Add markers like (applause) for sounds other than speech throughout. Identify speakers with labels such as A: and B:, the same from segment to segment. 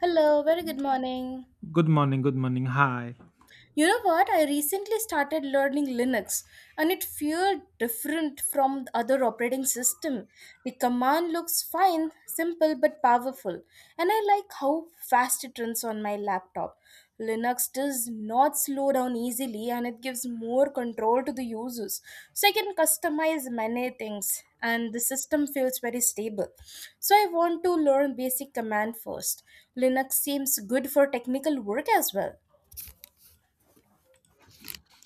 A: Hello, very good morning.
B: Good morning, good morning. Hi.
A: You know what? I recently started learning Linux and it feels different from the other operating system. The command looks fine, simple but powerful, and I like how fast it runs on my laptop. Linux does not slow down easily and it gives more control to the users. So I can customize many things and the system feels very stable. So I want to learn basic command first. Linux seems good for technical work as well.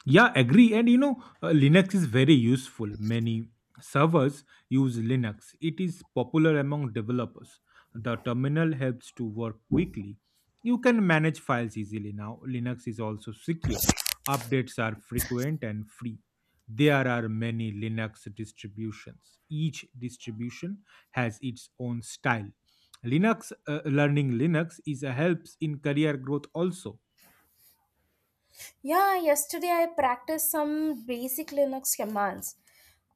B: Yeah, agree. And you know, Linux is very useful. Many servers use Linux, it is popular among developers. The terminal helps to work quickly. You can manage files easily now. Linux is also secure. Updates are frequent and free. There are many Linux distributions. Each distribution has its own style. Learning Linux is a helps in career growth also.
A: Yeah, yesterday I practiced some basic Linux commands.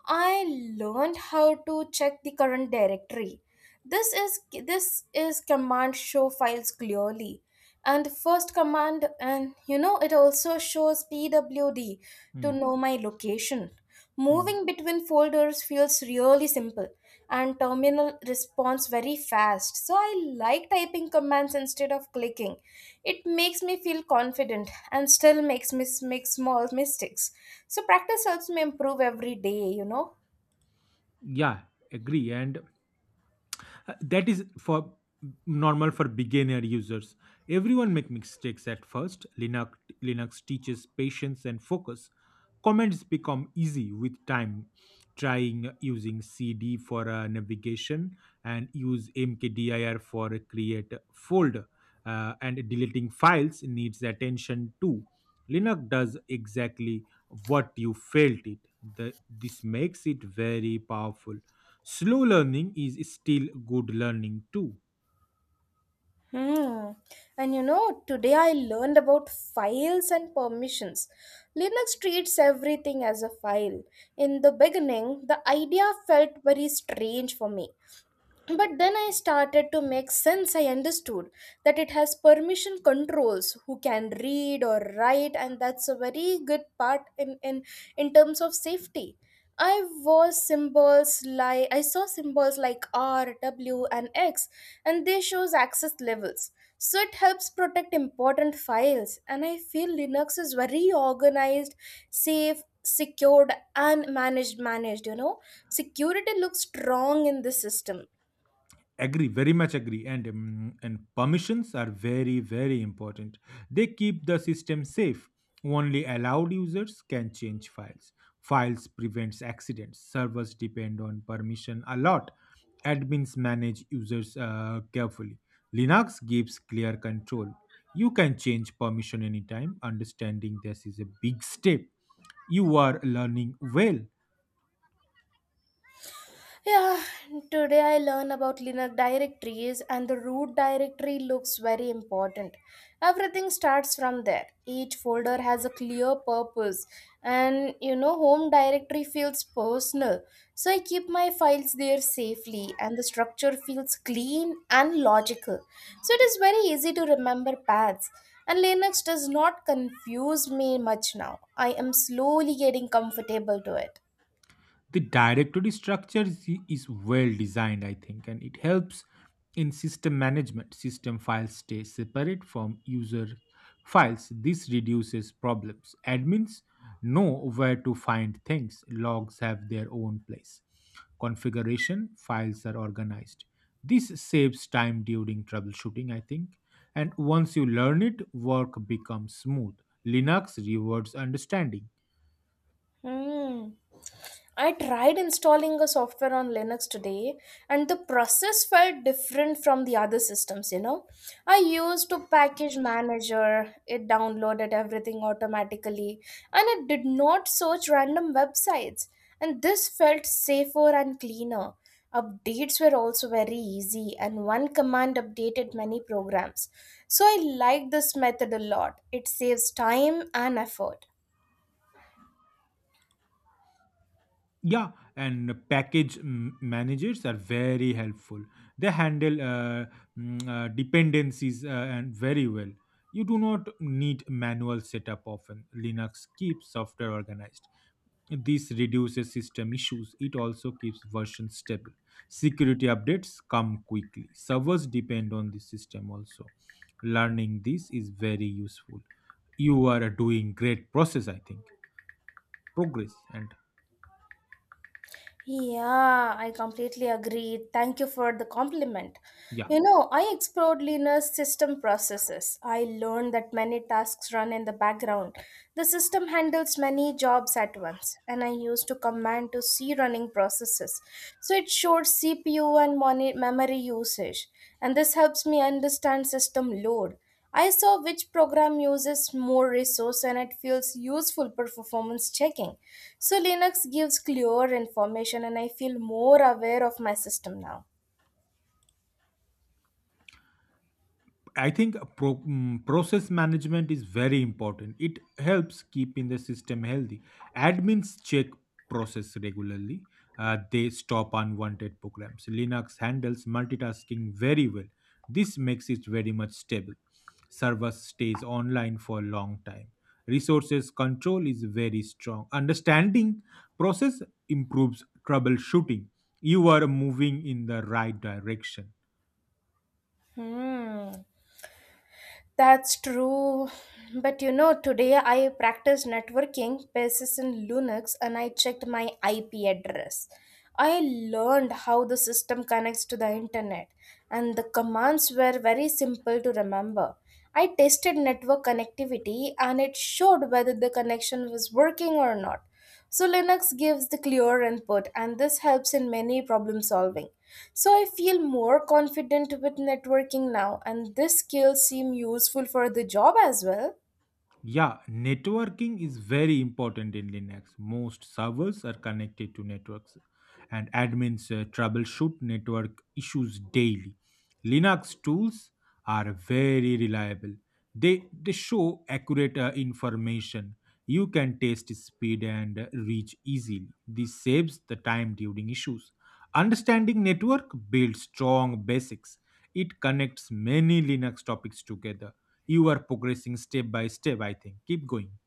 A: I learned how to check the current directory. This is this is command show files clearly. And the first command and you know it also shows pwd
B: Hmm.
A: to know my location.
B: Hmm.
A: Moving between folders feels really simple and terminal responds very fast. So I like typing commands instead of clicking. It makes me feel confident and still makes me make small mistakes. So practice helps me improve every day.
B: Yeah, agree. And that is for normal for beginner users. Everyone make mistakes at first. Linux teaches patience and focus. Comments become easy with time. Trying using CD for navigation and use mkdir for a create folder, and deleting files needs attention too. Linux does exactly what you felt it. The, this makes it very powerful. Slow learning is still good learning too.
A: Hmm. And you know, today I learned about files and permissions. Linux treats everything as a file. In the beginning, the idea felt very strange for me. But then I started to make sense. I understood that it has permission controls who can read or write, and that's a very good part in terms of safety. I saw symbols like R, W, and X, and they shows access levels. So it helps protect important files, and I feel Linux is very organized, safe, secured, and managed. Managed, you know, security looks strong in this system.
B: Agree, very much agree. And permissions are very important. They keep the system safe. Only allowed users can change files. Files prevents accidents. Servers depend on permission a lot. Admins manage users carefully. Linux gives clear control. You can change permission anytime. Understanding this is a big step. You are learning well.
A: Yeah, today I learn about Linux directories and the root directory looks very important. Everything starts from there. Each folder has a clear purpose and you know home directory feels personal. So I keep my files there safely and the structure feels clean and logical. So it is very easy to remember paths. And Linux does not confuse me much now. I am slowly getting comfortable to it.
B: The directory structure is well designed, I think, and it helps in system management. System files stay separate from user files. This reduces problems. Admins know where to find things. Logs have their own place. Configuration files are organized. This saves time during troubleshooting, I think, and once you learn it, work becomes smooth. Linux rewards understanding.
A: Hmm. I tried installing a software on Linux today, and the process felt different from the other systems. You know, I used a package manager, it downloaded everything automatically, and it did not search random websites. And this felt safer and cleaner. Updates were also very easy, and one command updated many programs. So I liked this method a lot. It saves time and effort.
B: Yeah, and package managers are very helpful. They handle dependencies and very well. You do not need manual setup often. Linux keeps software organized. This reduces system issues. It also keeps versions stable. Security updates come quickly. Servers depend on the system also. Learning this is very useful. You are doing great process, I think. Progress and
A: Yeah, I completely agree. Thank you for the compliment.
B: yeah.
A: You know, I explored Lean's system processes. I learned that many tasks run in the background. The system handles many jobs at once, and I used to command to see running processes. So it showed CPU and memory usage, and this helps me understand system load. I saw which program uses more resource and it feels useful for performance checking. So Linux gives clear information and I feel more aware of my system now.
B: I think process management is very important. It helps keeping the system healthy. Admins check process regularly. They stop unwanted programs. Linux handles multitasking very well. This makes it very much stable. Server stays online for a long time. Resources control is very strong. Understanding process improves troubleshooting. You are moving in the right direction.
A: Hmm. That's true. But you know, today I practiced networking basis in Linux and I checked my IP address. I learned how the system connects to the internet and the commands were very simple to remember. I tested network connectivity and it showed whether the connection was working or not. So Linux gives the clear input and this helps in many problem solving. So I feel more confident with networking now and this skill seem useful for the job as well.
B: Yeah, networking is very important in Linux. Most servers are connected to networks, and admins troubleshoot network issues daily. Linux tools are very reliable. They show accurate information. You can test speed and reach easily. This saves the time during issues. Understanding network builds strong basics. It connects many Linux topics together. You are progressing step by step, I think. Keep going.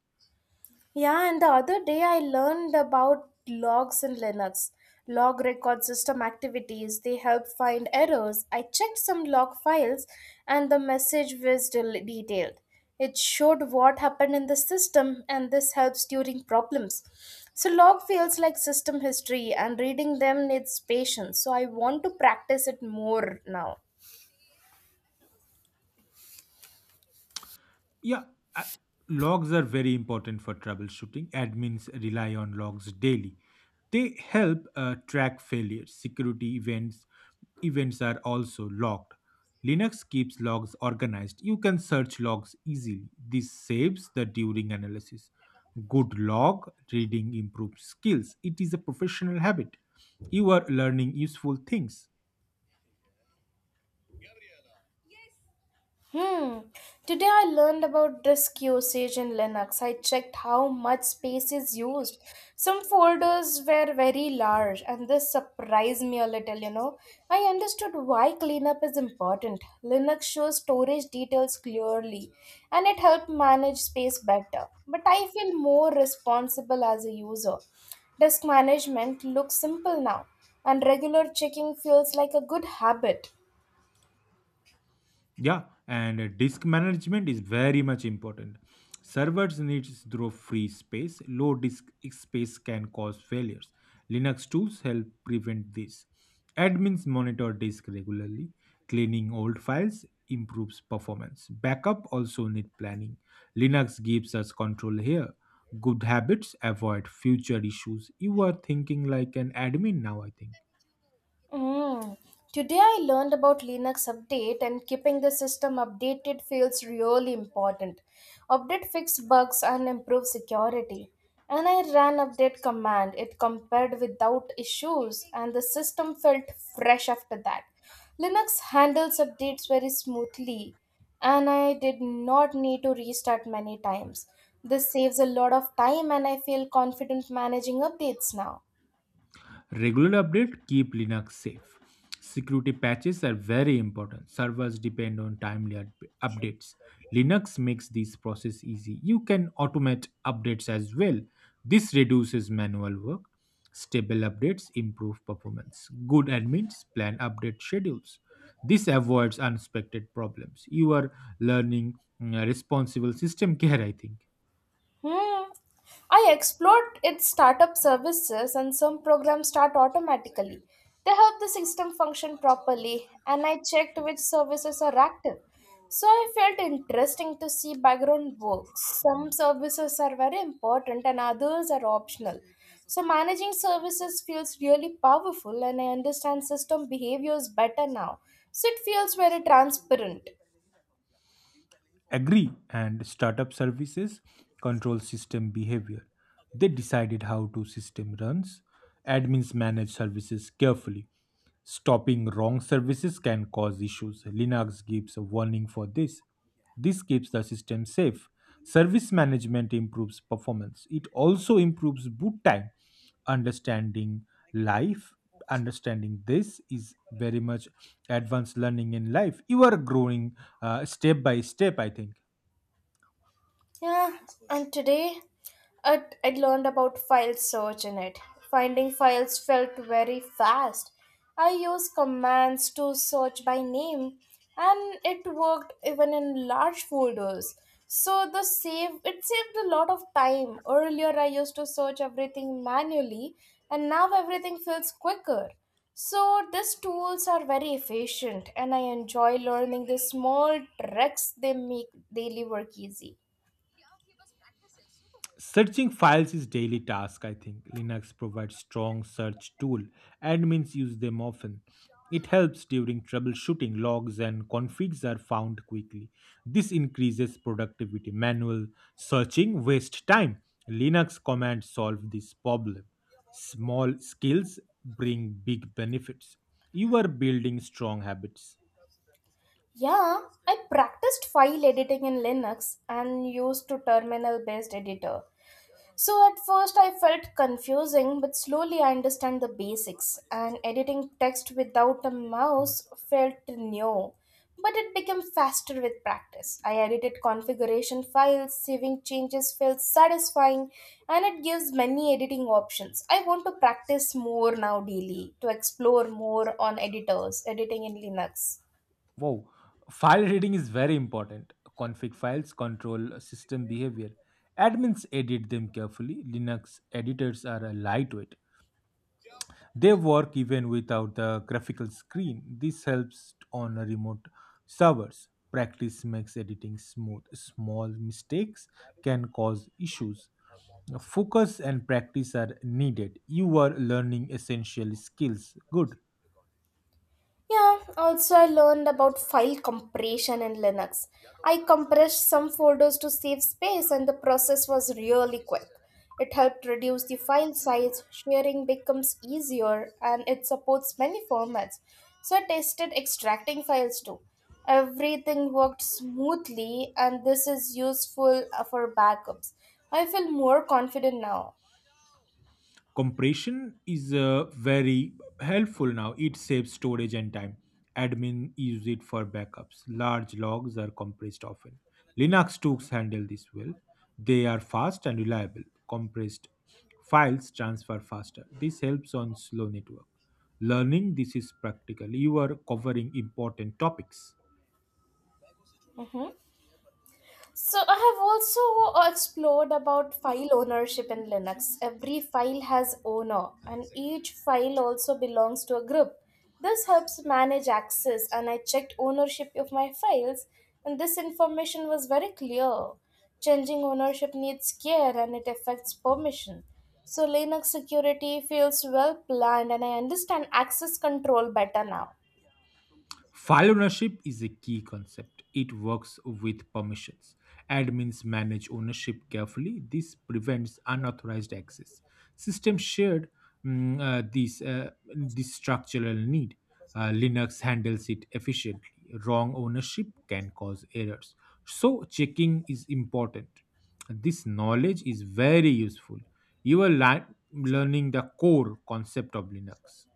A: Yeah, and the other day I learned about logs in Linux. Log record system activities, they help find errors. I checked some log files and the message was detailed. It showed what happened in the system and this helps during problems. So log feels like system history and reading them needs patience. So I want to practice it more now.
B: Yeah, uh, logs are very important for troubleshooting. Admins rely on logs daily. They help track failures. Security events events are also logged. Linux keeps logs organized. You can search logs easily. This saves the during analysis. Good log reading improves skills. It is a professional habit. You are learning useful things.
A: Hmm. Today I learned about disk usage in Linux. I checked how much space is used. Some folders were very large, and this surprised me a little. I understood why cleanup is important. Linux shows storage details clearly, and it helped manage space better. But I feel more responsible as a user. Disk management looks simple now, and regular checking feels like a good habit.
B: Yeah, and disk management is very much important. Servers need throw free space. Low disk space can cause failures. Linux tools help prevent this. Admins monitor disk regularly. Cleaning old files improves performance. Backup also need planning. Linux gives us control here. Good habits avoid future issues. You are thinking like an admin now, I think.
A: Mm. Today I learned about Linux update and keeping the system updated feels really important. Update fix bugs and improve security. And I ran update command. It compared without issues and the system felt fresh after that. Linux handles updates very smoothly and I did not need to restart many times. This saves a lot of time and I feel confident managing updates now.
B: Regular update keep Linux safe. Security patches are very important. Servers depend on updates. Linux makes this process easy. You can automate updates as well. This reduces manual work. Stable updates improve performance. Good admins plan update schedules. This avoids unexpected problems. You are learning responsible system (laughs) care, I think.
A: Hmm. I explored its startup services and some programs start automatically. They help the system function properly and I checked which services are active. So I felt interesting to see background works. Some services are very important and others are optional. So managing services feels really powerful and I understand system behaviors better now. So it feels very transparent.
B: Agree, and startup services control system behavior. They decided how to system runs. Admins manage services carefully. Stopping wrong services can cause issues. Linux gives a warning for this. This keeps the system safe. Service management improves performance. It also improves boot time. Understanding life understanding this is very much advanced learning in life. You are growing step by step, I think.
A: Yeah, and today I learned about file search in it. Finding files felt very fast. I used commands to search by name and it worked even in large folders. So the save it saved a lot of time. Earlier I used to search everything manually and now everything feels quicker. So these tools are very efficient and I enjoy learning the small tricks they make daily work easy.
B: Searching files is daily task, I think. Linux provides strong search tool. Admins use them often. It helps during troubleshooting. Logs and configs are found quickly. This increases productivity. Manual searching waste time. Linux commands solve this problem. Small skills bring big benefits. You are building strong habits.
A: Yeah, I practiced file editing in Linux and used to terminal based editor. So at first I felt confusing, but slowly I understand the basics and editing text without a mouse felt new. But it became faster with practice. I edited configuration files, saving changes felt satisfying, and it gives many editing options. I want to practice more now daily to explore more on editors, editing in Linux.
B: Wow, file reading is very important. Config files control system behavior. Admins edit them carefully. Linux editors are lightweight. They work even without the graphical screen. This helps on remote servers. Practice makes editing smooth. Small mistakes can cause issues. Focus and practice are needed. You are learning essential skills. Good.
A: Yeah, also I learned about file compression in Linux. I compressed some folders to save space and the process was really quick. It helped reduce the file size, sharing becomes easier, and it supports many formats. So I tested extracting files too. Everything worked smoothly, and this is useful for backups. I feel more confident now.
B: Compression is very helpful now. It saves storage and time. Admin use it for backups. Large logs are compressed often. Linux tools handle this well. They are fast and reliable. Compressed files transfer faster. This helps on slow network. Learning this is practical. You are covering important topics.
A: Mhm. So I have also explored about file ownership in Linux. Every file has owner and each file also belongs to a group. This helps manage access and I checked ownership of my files and this information was very clear. Changing ownership needs care and it affects permission. So Linux security feels well planned and I understand access control better now.
B: File ownership is a key concept. It works with permissions. Admins manage ownership carefully. This prevents unauthorized access. System shared mm, this, This structural need. Linux handles it efficiently. Wrong ownership can cause errors. So, checking is important. This knowledge is very useful. You are learning the core concept of Linux.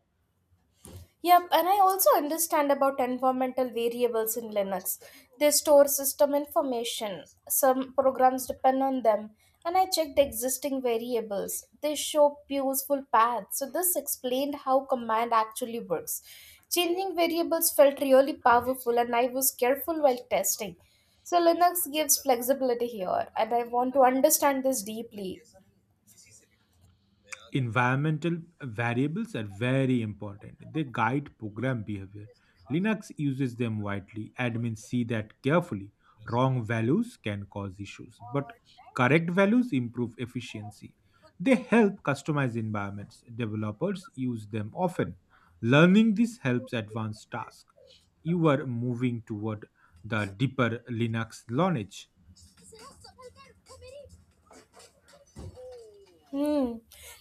A: Yep, and I also understand about environmental variables in Linux. They store system information. Some programs depend on them. And I checked existing variables. They show useful paths. So this explained how command actually works. Changing variables felt really powerful and I was careful while testing. So Linux gives flexibility here and I want to understand this deeply.
B: Environmental variables are very important. They guide program behavior. Linux uses them widely. Admins see that carefully. Wrong values can cause issues, but correct values improve efficiency. They help customize environments. Developers use them often. Learning this helps advance tasks. You are moving toward the deeper Linux knowledge.
A: Hmm.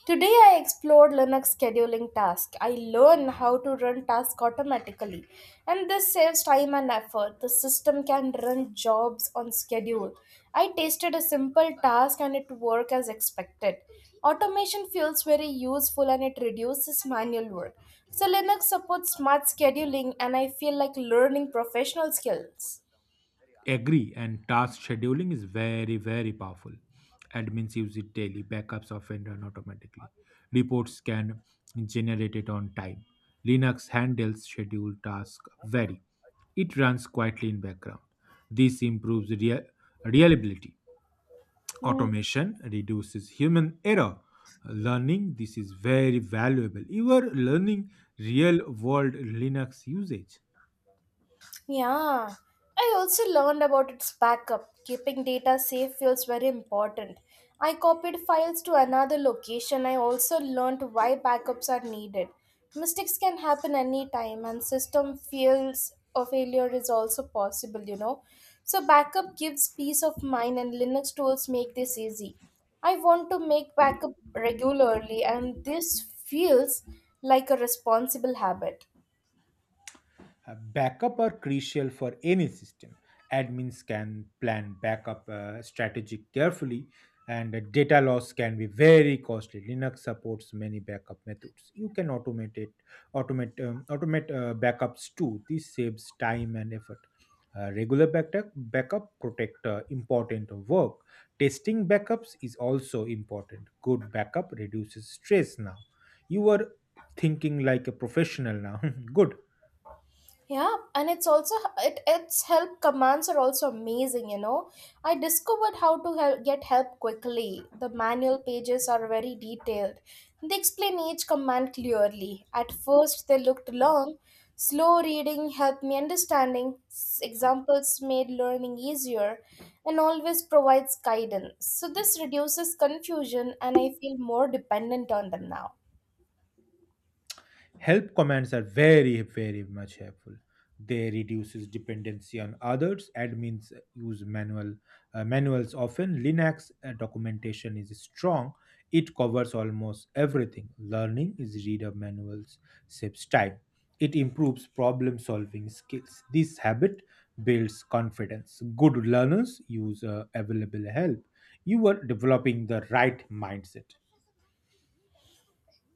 A: Today I explored Linux scheduling tasks. I learned how to run tasks automatically, and this saves time and effort. The system can run jobs on schedule. I tested a simple task and it worked as expected. Automation feels very useful and it reduces manual work. So Linux supports smart scheduling, and I feel like learning professional skills.
B: Agree, and task scheduling is very powerful. Admins use it daily, backups often run automatically. Reports can generate it on time. Linux handles scheduled task very. It runs quietly in background. This improves reliability.
A: Hmm.
B: Automation reduces human error. Learning this is very valuable. You are learning real world Linux usage.
A: Yeah, I also learned about its backup. Keeping data safe feels very important. I copied files to another location. I also learned why backups are needed. Mistakes can happen anytime, and system fails or failure is also possible, you know. So, backup gives peace of mind, and Linux tools make this easy. I want to make backup regularly, and this feels like a responsible habit.
B: Backup are crucial for any system. Admins can plan backup strategy carefully, and data loss can be very costly. Linux supports many backup methods. You can automate it, automate automate backups too. This saves time and effort. Regular backup protect important work. Testing backups is also important. Good backup reduces stress. Now, you are thinking like a professional now. (laughs) Good.
A: Yeah, and it's also it its help commands are also amazing, you know. I discovered get help quickly. The manual pages are very detailed. They explain each command clearly. At first they looked long. Slow reading helped me understanding. Examples made learning easier and always provides guidance. So this reduces confusion and I feel more dependent on them now.
B: Help commands are very much helpful. They reduces dependency on others. Admins use manuals often. Linux documentation is strong. It covers almost everything. Learning is read of manuals saves time. It improves problem solving skills. This habit builds confidence. Good learners use available help. You are developing the right mindset.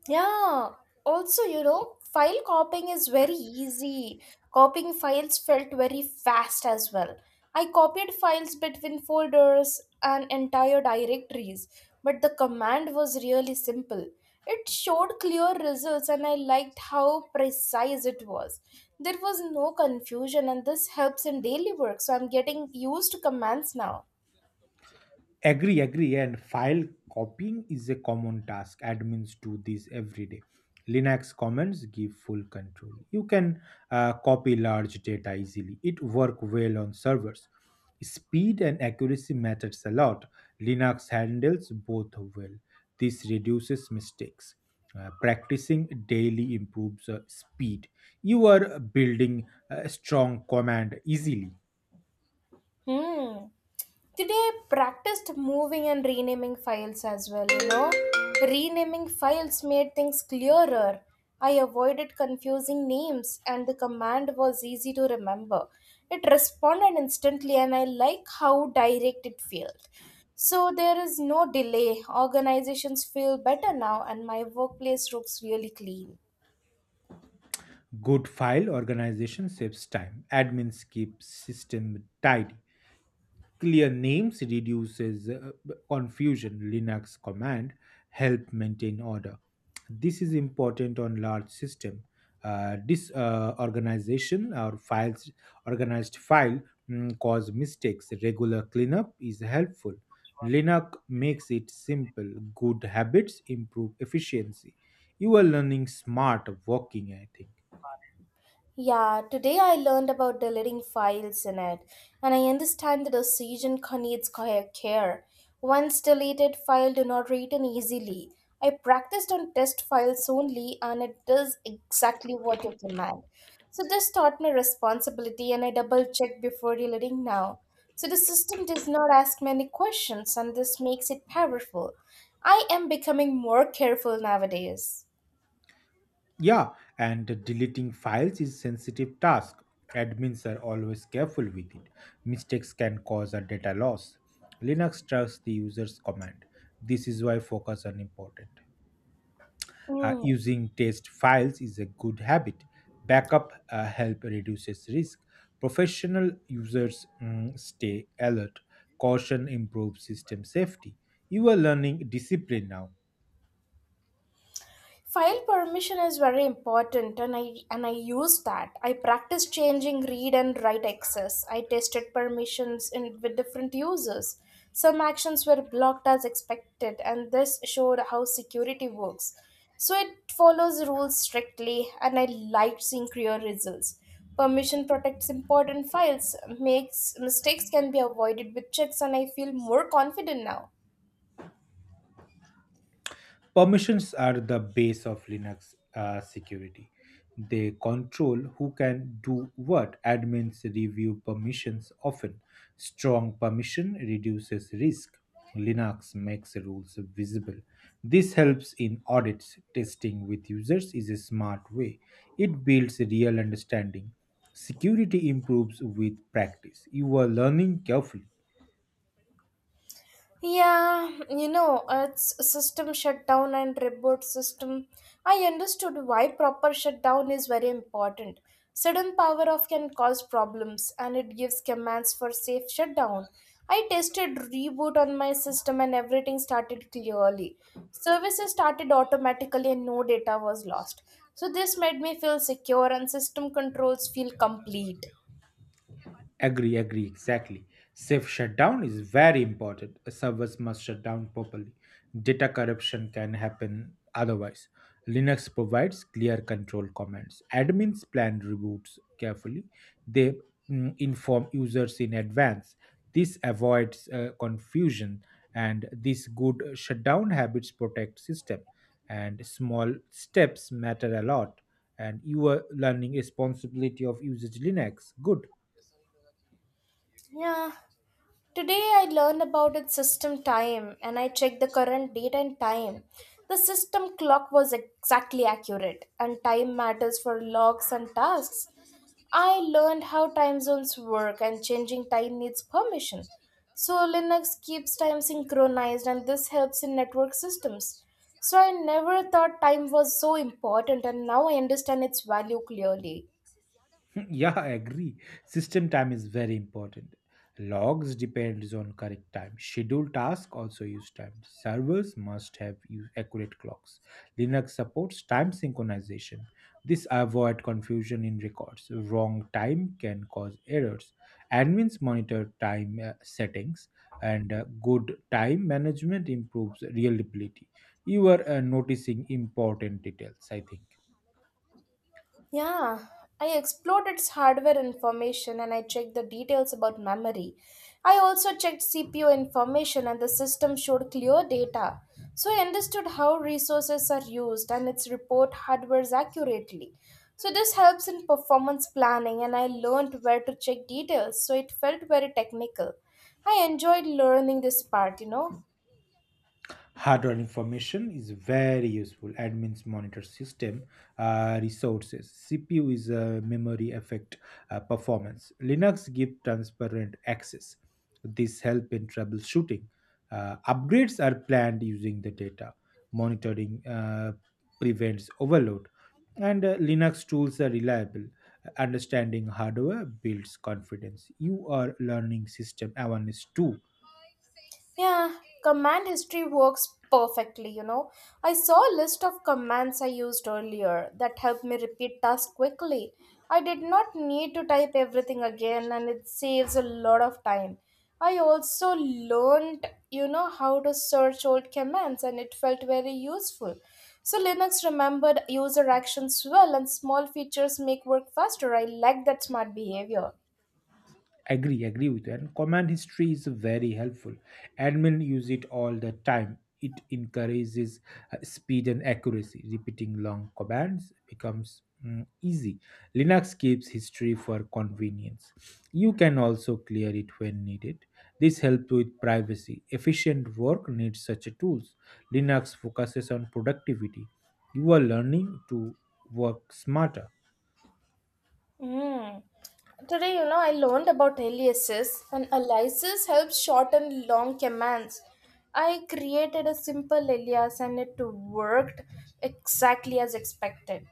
A: Yeah. Also, you know, file copying is very easy. Copying files felt very fast as well. I copied files between folders and entire directories, but the command was really simple. It showed clear results, and I liked how precise it was. There was no confusion, and this helps in daily work, so I'm getting used to commands now.
B: Agree, agree. And file copying is a common task. Admins do this every day. Linux commands give full control. You can copy large data easily. It work well on servers. Speed and accuracy matters a lot. Linux handles both well. This reduces mistakes. Practicing daily improves speed. You are building a strong command easily.
A: Hmm. Today, I practiced moving and renaming files as well. You know, renaming files made things clearer. I avoided confusing names, and the command was easy to remember. It responded instantly, and I like how direct it felt. So, there is no delay. Organizations feel better now, and my workplace looks really clean.
B: Good file organization saves time. Admins keep system tidy. Clear names reduces confusion. Linux command help maintain order. This is important on large system. This organization or files organized file mm, Cause mistakes. Regular cleanup is helpful. Linux makes it simple. Good habits improve efficiency. You are learning smart working, I think.
A: Yeah, today I learned about deleting files in it, and I understand that the decision needs care. Once deleted file do not return easily. I practiced on test files only, and it does exactly what you command. So this taught me responsibility, and I double check before deleting now. So the system does not ask many questions, and this makes it powerful. I am becoming more careful nowadays.
B: Yeah, and deleting files is a sensitive task. Admins are always careful with it. Mistakes can cause a data loss. Linux trusts the user's command. This is why focus on important.
A: Mm.
B: Using test files is a good habit. Backup help reduces risk. Professional users stay alert. Caution improves system safety. You are learning discipline now.
A: File permission is very important, and I use that. I practice changing read and write access. I tested permissions in with different users. Some actions were blocked as expected, and this showed how security works. So it follows rules strictly, and I liked seeing clear results. Permission protects important files, makes mistakes can be avoided with checks, and I feel more confident now.
B: Permissions are the base of Linux security. They control who can do what. Admins review permissions often. Strong permission reduces risk. Linux makes rules visible. This helps in audits. Testing with users is a smart way. It builds real understanding. Security improves with practice. You are learning carefully.
A: Yeah, it's system shutdown and reboot system. I understood why proper shutdown is very important. Sudden power off can cause problems, and it gives commands for safe shutdown. I tested reboot on my system, and everything started clearly. Services started automatically, and no data was lost. So this made me feel secure, and system controls feel complete.
B: Agree, agree, exactly. Safe shutdown is very important. A servers must shut down properly. Data corruption can happen otherwise. Linux provides clear control commands. Admins plan reboots carefully. They inform users in advance. This avoids confusion, and this good shutdown habits protect system, and small steps matter a lot, and you are learning responsibility of usage linux good.
A: Yeah. Today I learned about its system time, and I checked the current date and time. The system clock was exactly accurate, and time matters for logs and tasks. I learned how time zones work, and changing time needs permission. So Linux keeps time synchronized, and this helps in network systems. So I never thought time was so important, and now I understand its value clearly.
B: (laughs) Yeah, I agree. System time is very important. Logs depends on correct time. Scheduled task also use time. Servers must have use accurate clocks. Linux supports time synchronization. This avoid confusion in records. Wrong time can cause errors. Admins monitor time settings and good time management improves reliability. You are noticing important details, I think.
A: Yeah, I explored its hardware information, and I checked the details about memory. I also checked CPU information, and the system showed clear data. So I understood how resources are used, and its report hardwares accurately. So this helps in performance planning, and I learned where to check details, so it felt very technical. I enjoyed learning this part.
B: Hardware information is very useful. Admins monitor system resources. CPU is a memory effect, performance. Linux give transparent access. This help in troubleshooting. Upgrades are planned using the data. Monitoring prevents overload, and Linux tools are reliable. Understanding hardware builds confidence. You are learning system awareness too.
A: Yeah, command history works perfectly. I saw a list of commands I used earlier that helped me repeat tasks quickly. I did not need to type everything again, and it saves a lot of time. I also learned how to search old commands, and it felt very useful. So Linux remembered user actions well, and small features make work faster. I like that smart behavior.
B: Agree, with you, and command history is very helpful. Admin use it all the time. It encourages speed and accuracy. Repeating long commands becomes easy. Linux keeps history for convenience. You can also clear it when needed. This helps with privacy. Efficient work needs such tools. Linux focuses on productivity. You are learning to work smarter.
A: Mm. Today, I learned about aliases, and aliases helps shorten long commands. I created a simple alias, and it worked exactly as expected.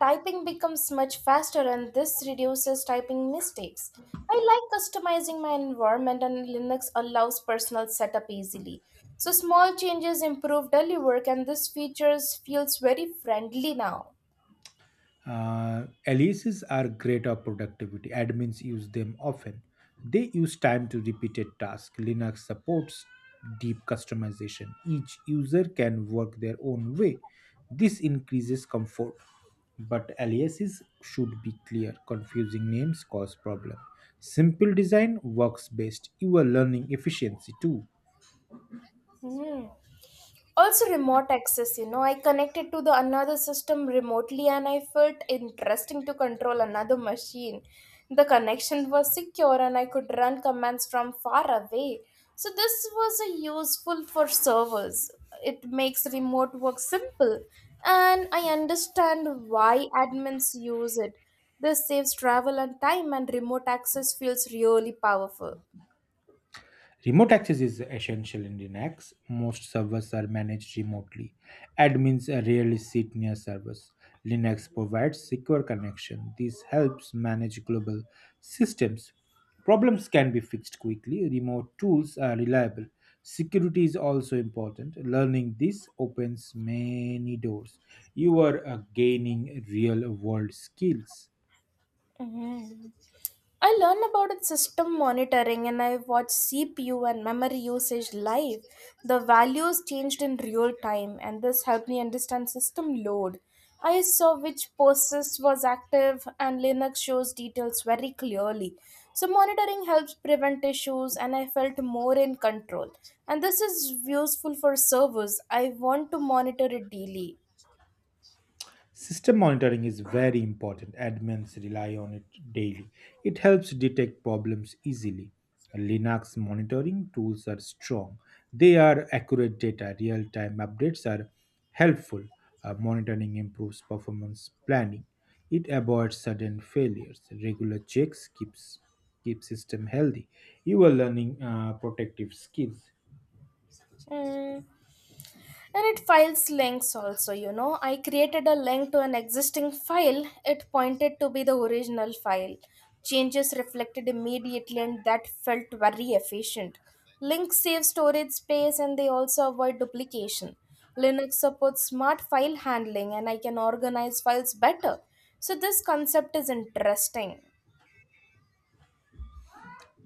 A: Typing becomes much faster, and this reduces typing mistakes. I like customizing my environment, and Linux allows personal setup easily. So small changes improve daily work, and this features feels very friendly now.
B: Aliases are great at productivity. Admins use them often. They use time to repeated tasks. Linux supports deep customization. Each user can work their own way. This increases comfort. But aliases should be clear. Confusing names cause problem. Simple design works best. You are learning efficiency too.
A: Hmm. Also remote access, I connected to the another system remotely, and I felt interesting to control another machine. The connection was secure, and I could run commands from far away. So this was a useful for servers. It makes remote work simple, and I understand why admins use it. This saves travel and time, and remote access feels really powerful.
B: Remote access is essential in Linux. Most servers are managed remotely. Admins rarely sit near servers. Linux provides secure connection. This helps manage global systems. Problems can be fixed quickly. Remote tools are reliable. Security is also important. Learning this opens many doors. You are gaining real world skills.
A: Mhm. I learned about its system monitoring, and I watched CPU and memory usage live. The values changed in real time, and this helped me understand system load. I saw which process was active, and Linux shows details very clearly. So, monitoring helps prevent issues, and I felt more in control. And this is useful for servers. I want to monitor it daily.
B: System monitoring is very important. Admins rely on it daily. It helps detect problems easily. Linux monitoring tools are strong. They are accurate data. Real time updates are helpful. Monitoring improves performance planning. It avoids sudden failures. Regular checks keep system healthy. You are learning protective skills.
A: Mm. And it files links also, I created a link to an existing file. It pointed to be the original file. Changes reflected immediately, and that felt very efficient. Links save storage space, and they also avoid duplication. Linux supports smart file handling, and I can organize files better. So this concept is interesting.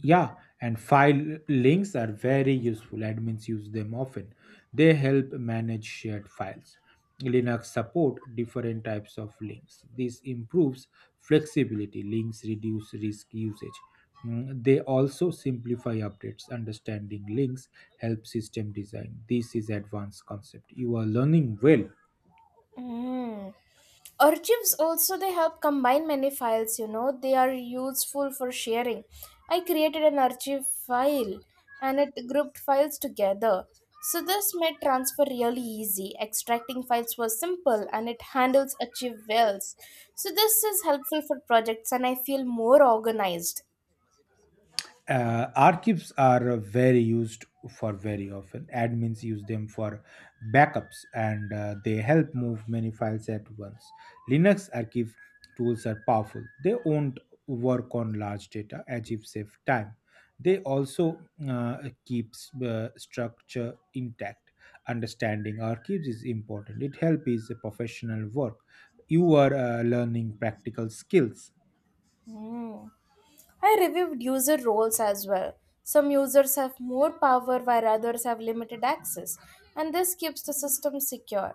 B: Yeah, and file links are very useful. Admins use them often. They help manage shared files. Linux support different types of links. This improves flexibility. Links reduce risk usage. Mm, they also simplify updates. Understanding links help system design. This is advanced concept. You are learning well.
A: Mm. Archives also they help combine many files. They are useful for sharing. I created an archive file, and it grouped files together. So this made transfer really easy. Extracting files was simple, and it handles archive wells. So this is helpful for projects, and I feel more organized.
B: Archives are very used for very often. Admins use them for backups, and they help move many files at once. Linux archive tools are powerful. They won't work on large data. Archive save time. They also uh, keeps structure intact. Understanding archives is important. It helps is a professional work. You are learning practical skills.
A: Hmm. I reviewed user roles as well. Some users have more power while others have limited access, and this keeps the system secure.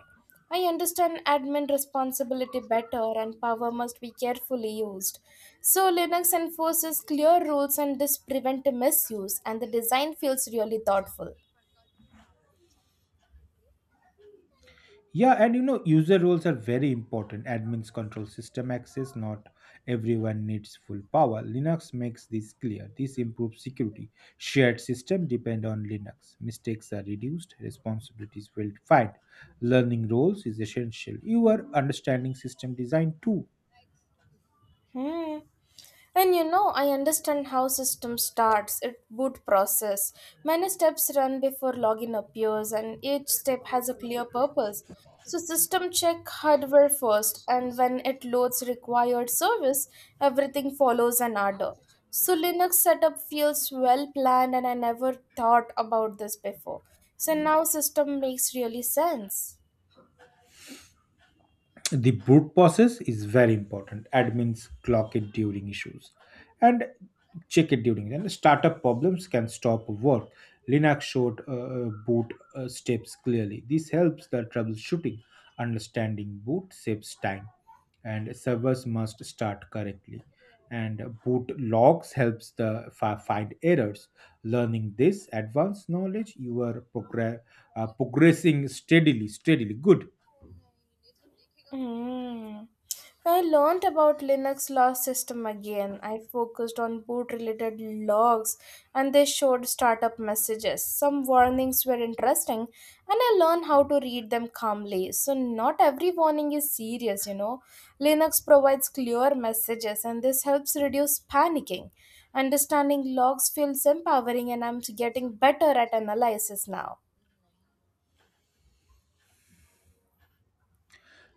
A: I understand admin responsibility better, and power must be carefully used. So, Linux enforces clear rules, and this prevent misuse, and the design feels really thoughtful.
B: Yeah, and you know, user roles are very important. Admins control system access, not everyone needs full power. Linux makes this clear. This improves security. Shared system depend on Linux. Mistakes are reduced, responsibilities well defined. Learning roles is essential. You are understanding system design too.
A: Hmm. I understand how system starts, it boot process. Many steps run before login appears, and each step has a clear purpose. So system check hardware first, and when it loads required service, everything follows an order. So Linux setup feels well planned, and I never thought about this before. So now system makes really sense.
B: The boot process is very important. Admins clock it during issues, and check it during and startup problems can stop work. Linux showed boot steps clearly. This helps the troubleshooting. Understanding boot saves time, and servers must start correctly, and boot logs helps the find errors. Learning this advanced knowledge, you are progressing steadily, good.
A: Mm. I learned about Linux log system again. I focused on boot related logs, and they showed startup messages. Some warnings were interesting, and I learned how to read them calmly. So not every warning is serious. Linux provides clear messages, and this helps reduce panicking. Understanding logs feels empowering, and I'm getting better at analysis now.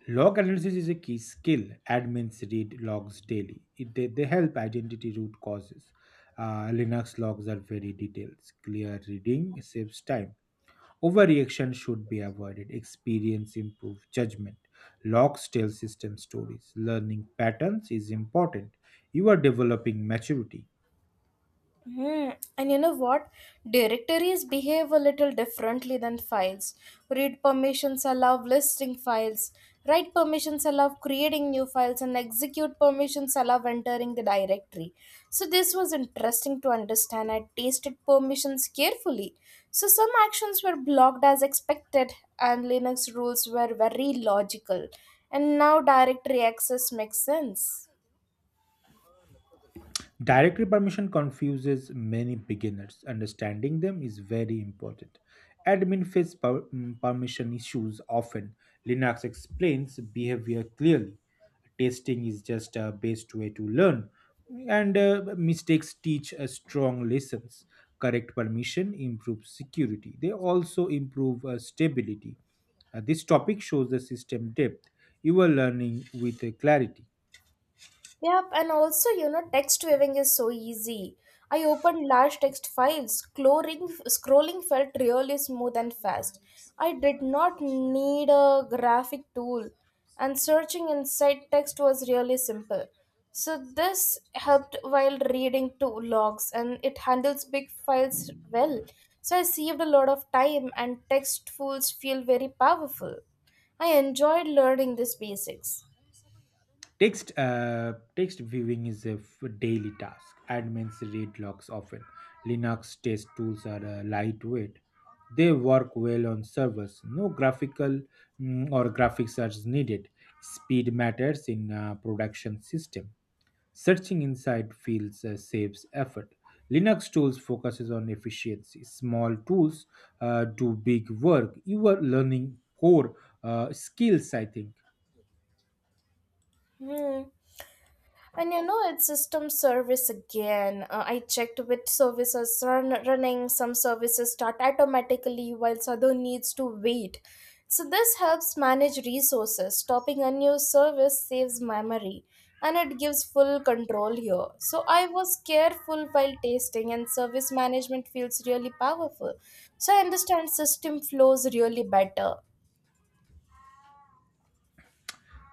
B: Log analysis is a key skill. Admins read logs daily. They help identity root causes. Linux logs are very detailed. Clear reading saves time. Overreaction should be avoided. Experience improves judgment. Logs tell system stories. Learning patterns is important. You are developing maturity.
A: Hmm. And you know what? Directories behave a little differently than files. Read permissions allow listing files. Write permissions allow creating new files, and execute permissions allow entering the directory. So, this was interesting to understand. I tasted permissions carefully. So, some actions were blocked as expected, and Linux rules were very logical. And now, directory access makes sense.
B: Directory permission confuses many beginners. Understanding them is very important. Admin face permission issues often. Linux explains behavior clearly. Testing is just a best way to learn, and mistakes teach strong lessons. Correct permission improves security. They also improve stability. This topic shows the system depth. You are learning with clarity.
A: Yep, and also, text viewing is so easy. I opened large text files. Scrolling felt really smooth and fast. I did not need a graphic tool, and searching inside text was really simple. So, this helped while reading two logs, and it handles big files well. So, I saved a lot of time, and text tools feel very powerful. I enjoyed learning these basics.
B: Text viewing is a daily task. Admins read logs often. Linux test tools are lightweight. They work well on servers. No graphical or graphics are needed. Speed matters in production system. Searching inside fields saves effort. Linux tools focuses on efficiency. Small tools do big work. You are learning core skills, I think.
A: Hmm. And you know, it's system service again. I checked which services run running. Some services start automatically while other needs to wait. So this helps manage resources. Stopping a new service saves memory, and it gives full control here. So I was careful while testing, and service management feels really powerful. So I understand system flows really better.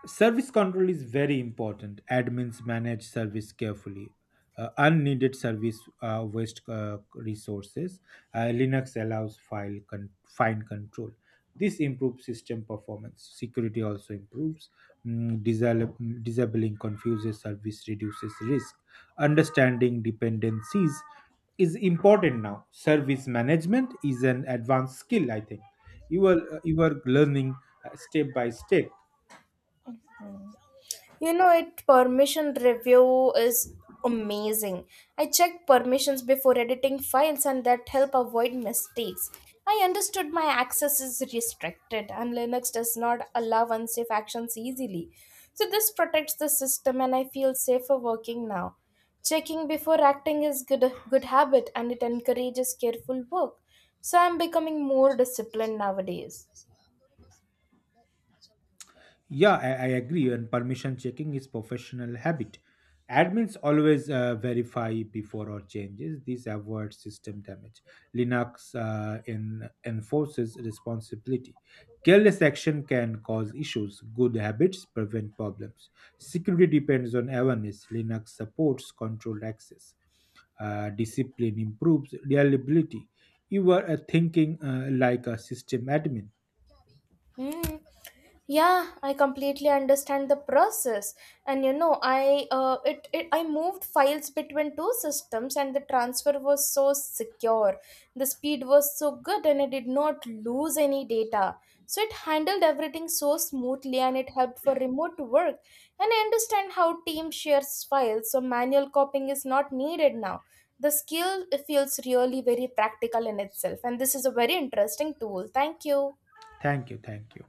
B: Service control is very important. Admins manage service carefully. Unneeded service waste resources. Linux allows fine control. This improves system performance. Security also improves. Mm, disal- Disabling confuses service reduces risk. Understanding dependencies is important now. Service management is an advanced skill. I think you are learning step by step.
A: You know it permission review is amazing. I check permissions before editing files, and that help avoid mistakes. I understood my access is restricted, and Linux does not allow unsafe actions easily. So this protects the system, and I feel safer working now. Checking before acting is good habit, and it encourages careful work. So I'm becoming more disciplined nowadays.
B: Yeah, I agree. And permission checking is professional habit. Admins always verify before all changes. This avoids system damage. Linux enforces responsibility. Careless action can cause issues. Good habits prevent problems. Security depends on awareness. Linux supports controlled access. Discipline improves reliability. You are thinking like a system admin.
A: Hmm. Yeah, I completely understand the process. And you know, I it, it I moved files between two systems, and the transfer was so secure. The speed was so good, and I did not lose any data. So it handled everything so smoothly, and it helped for remote work. And I understand how team shares files, so manual copying is not needed now. The skill feels really very practical in itself, and this is a very interesting tool. Thank you.
B: Thank you. Thank you.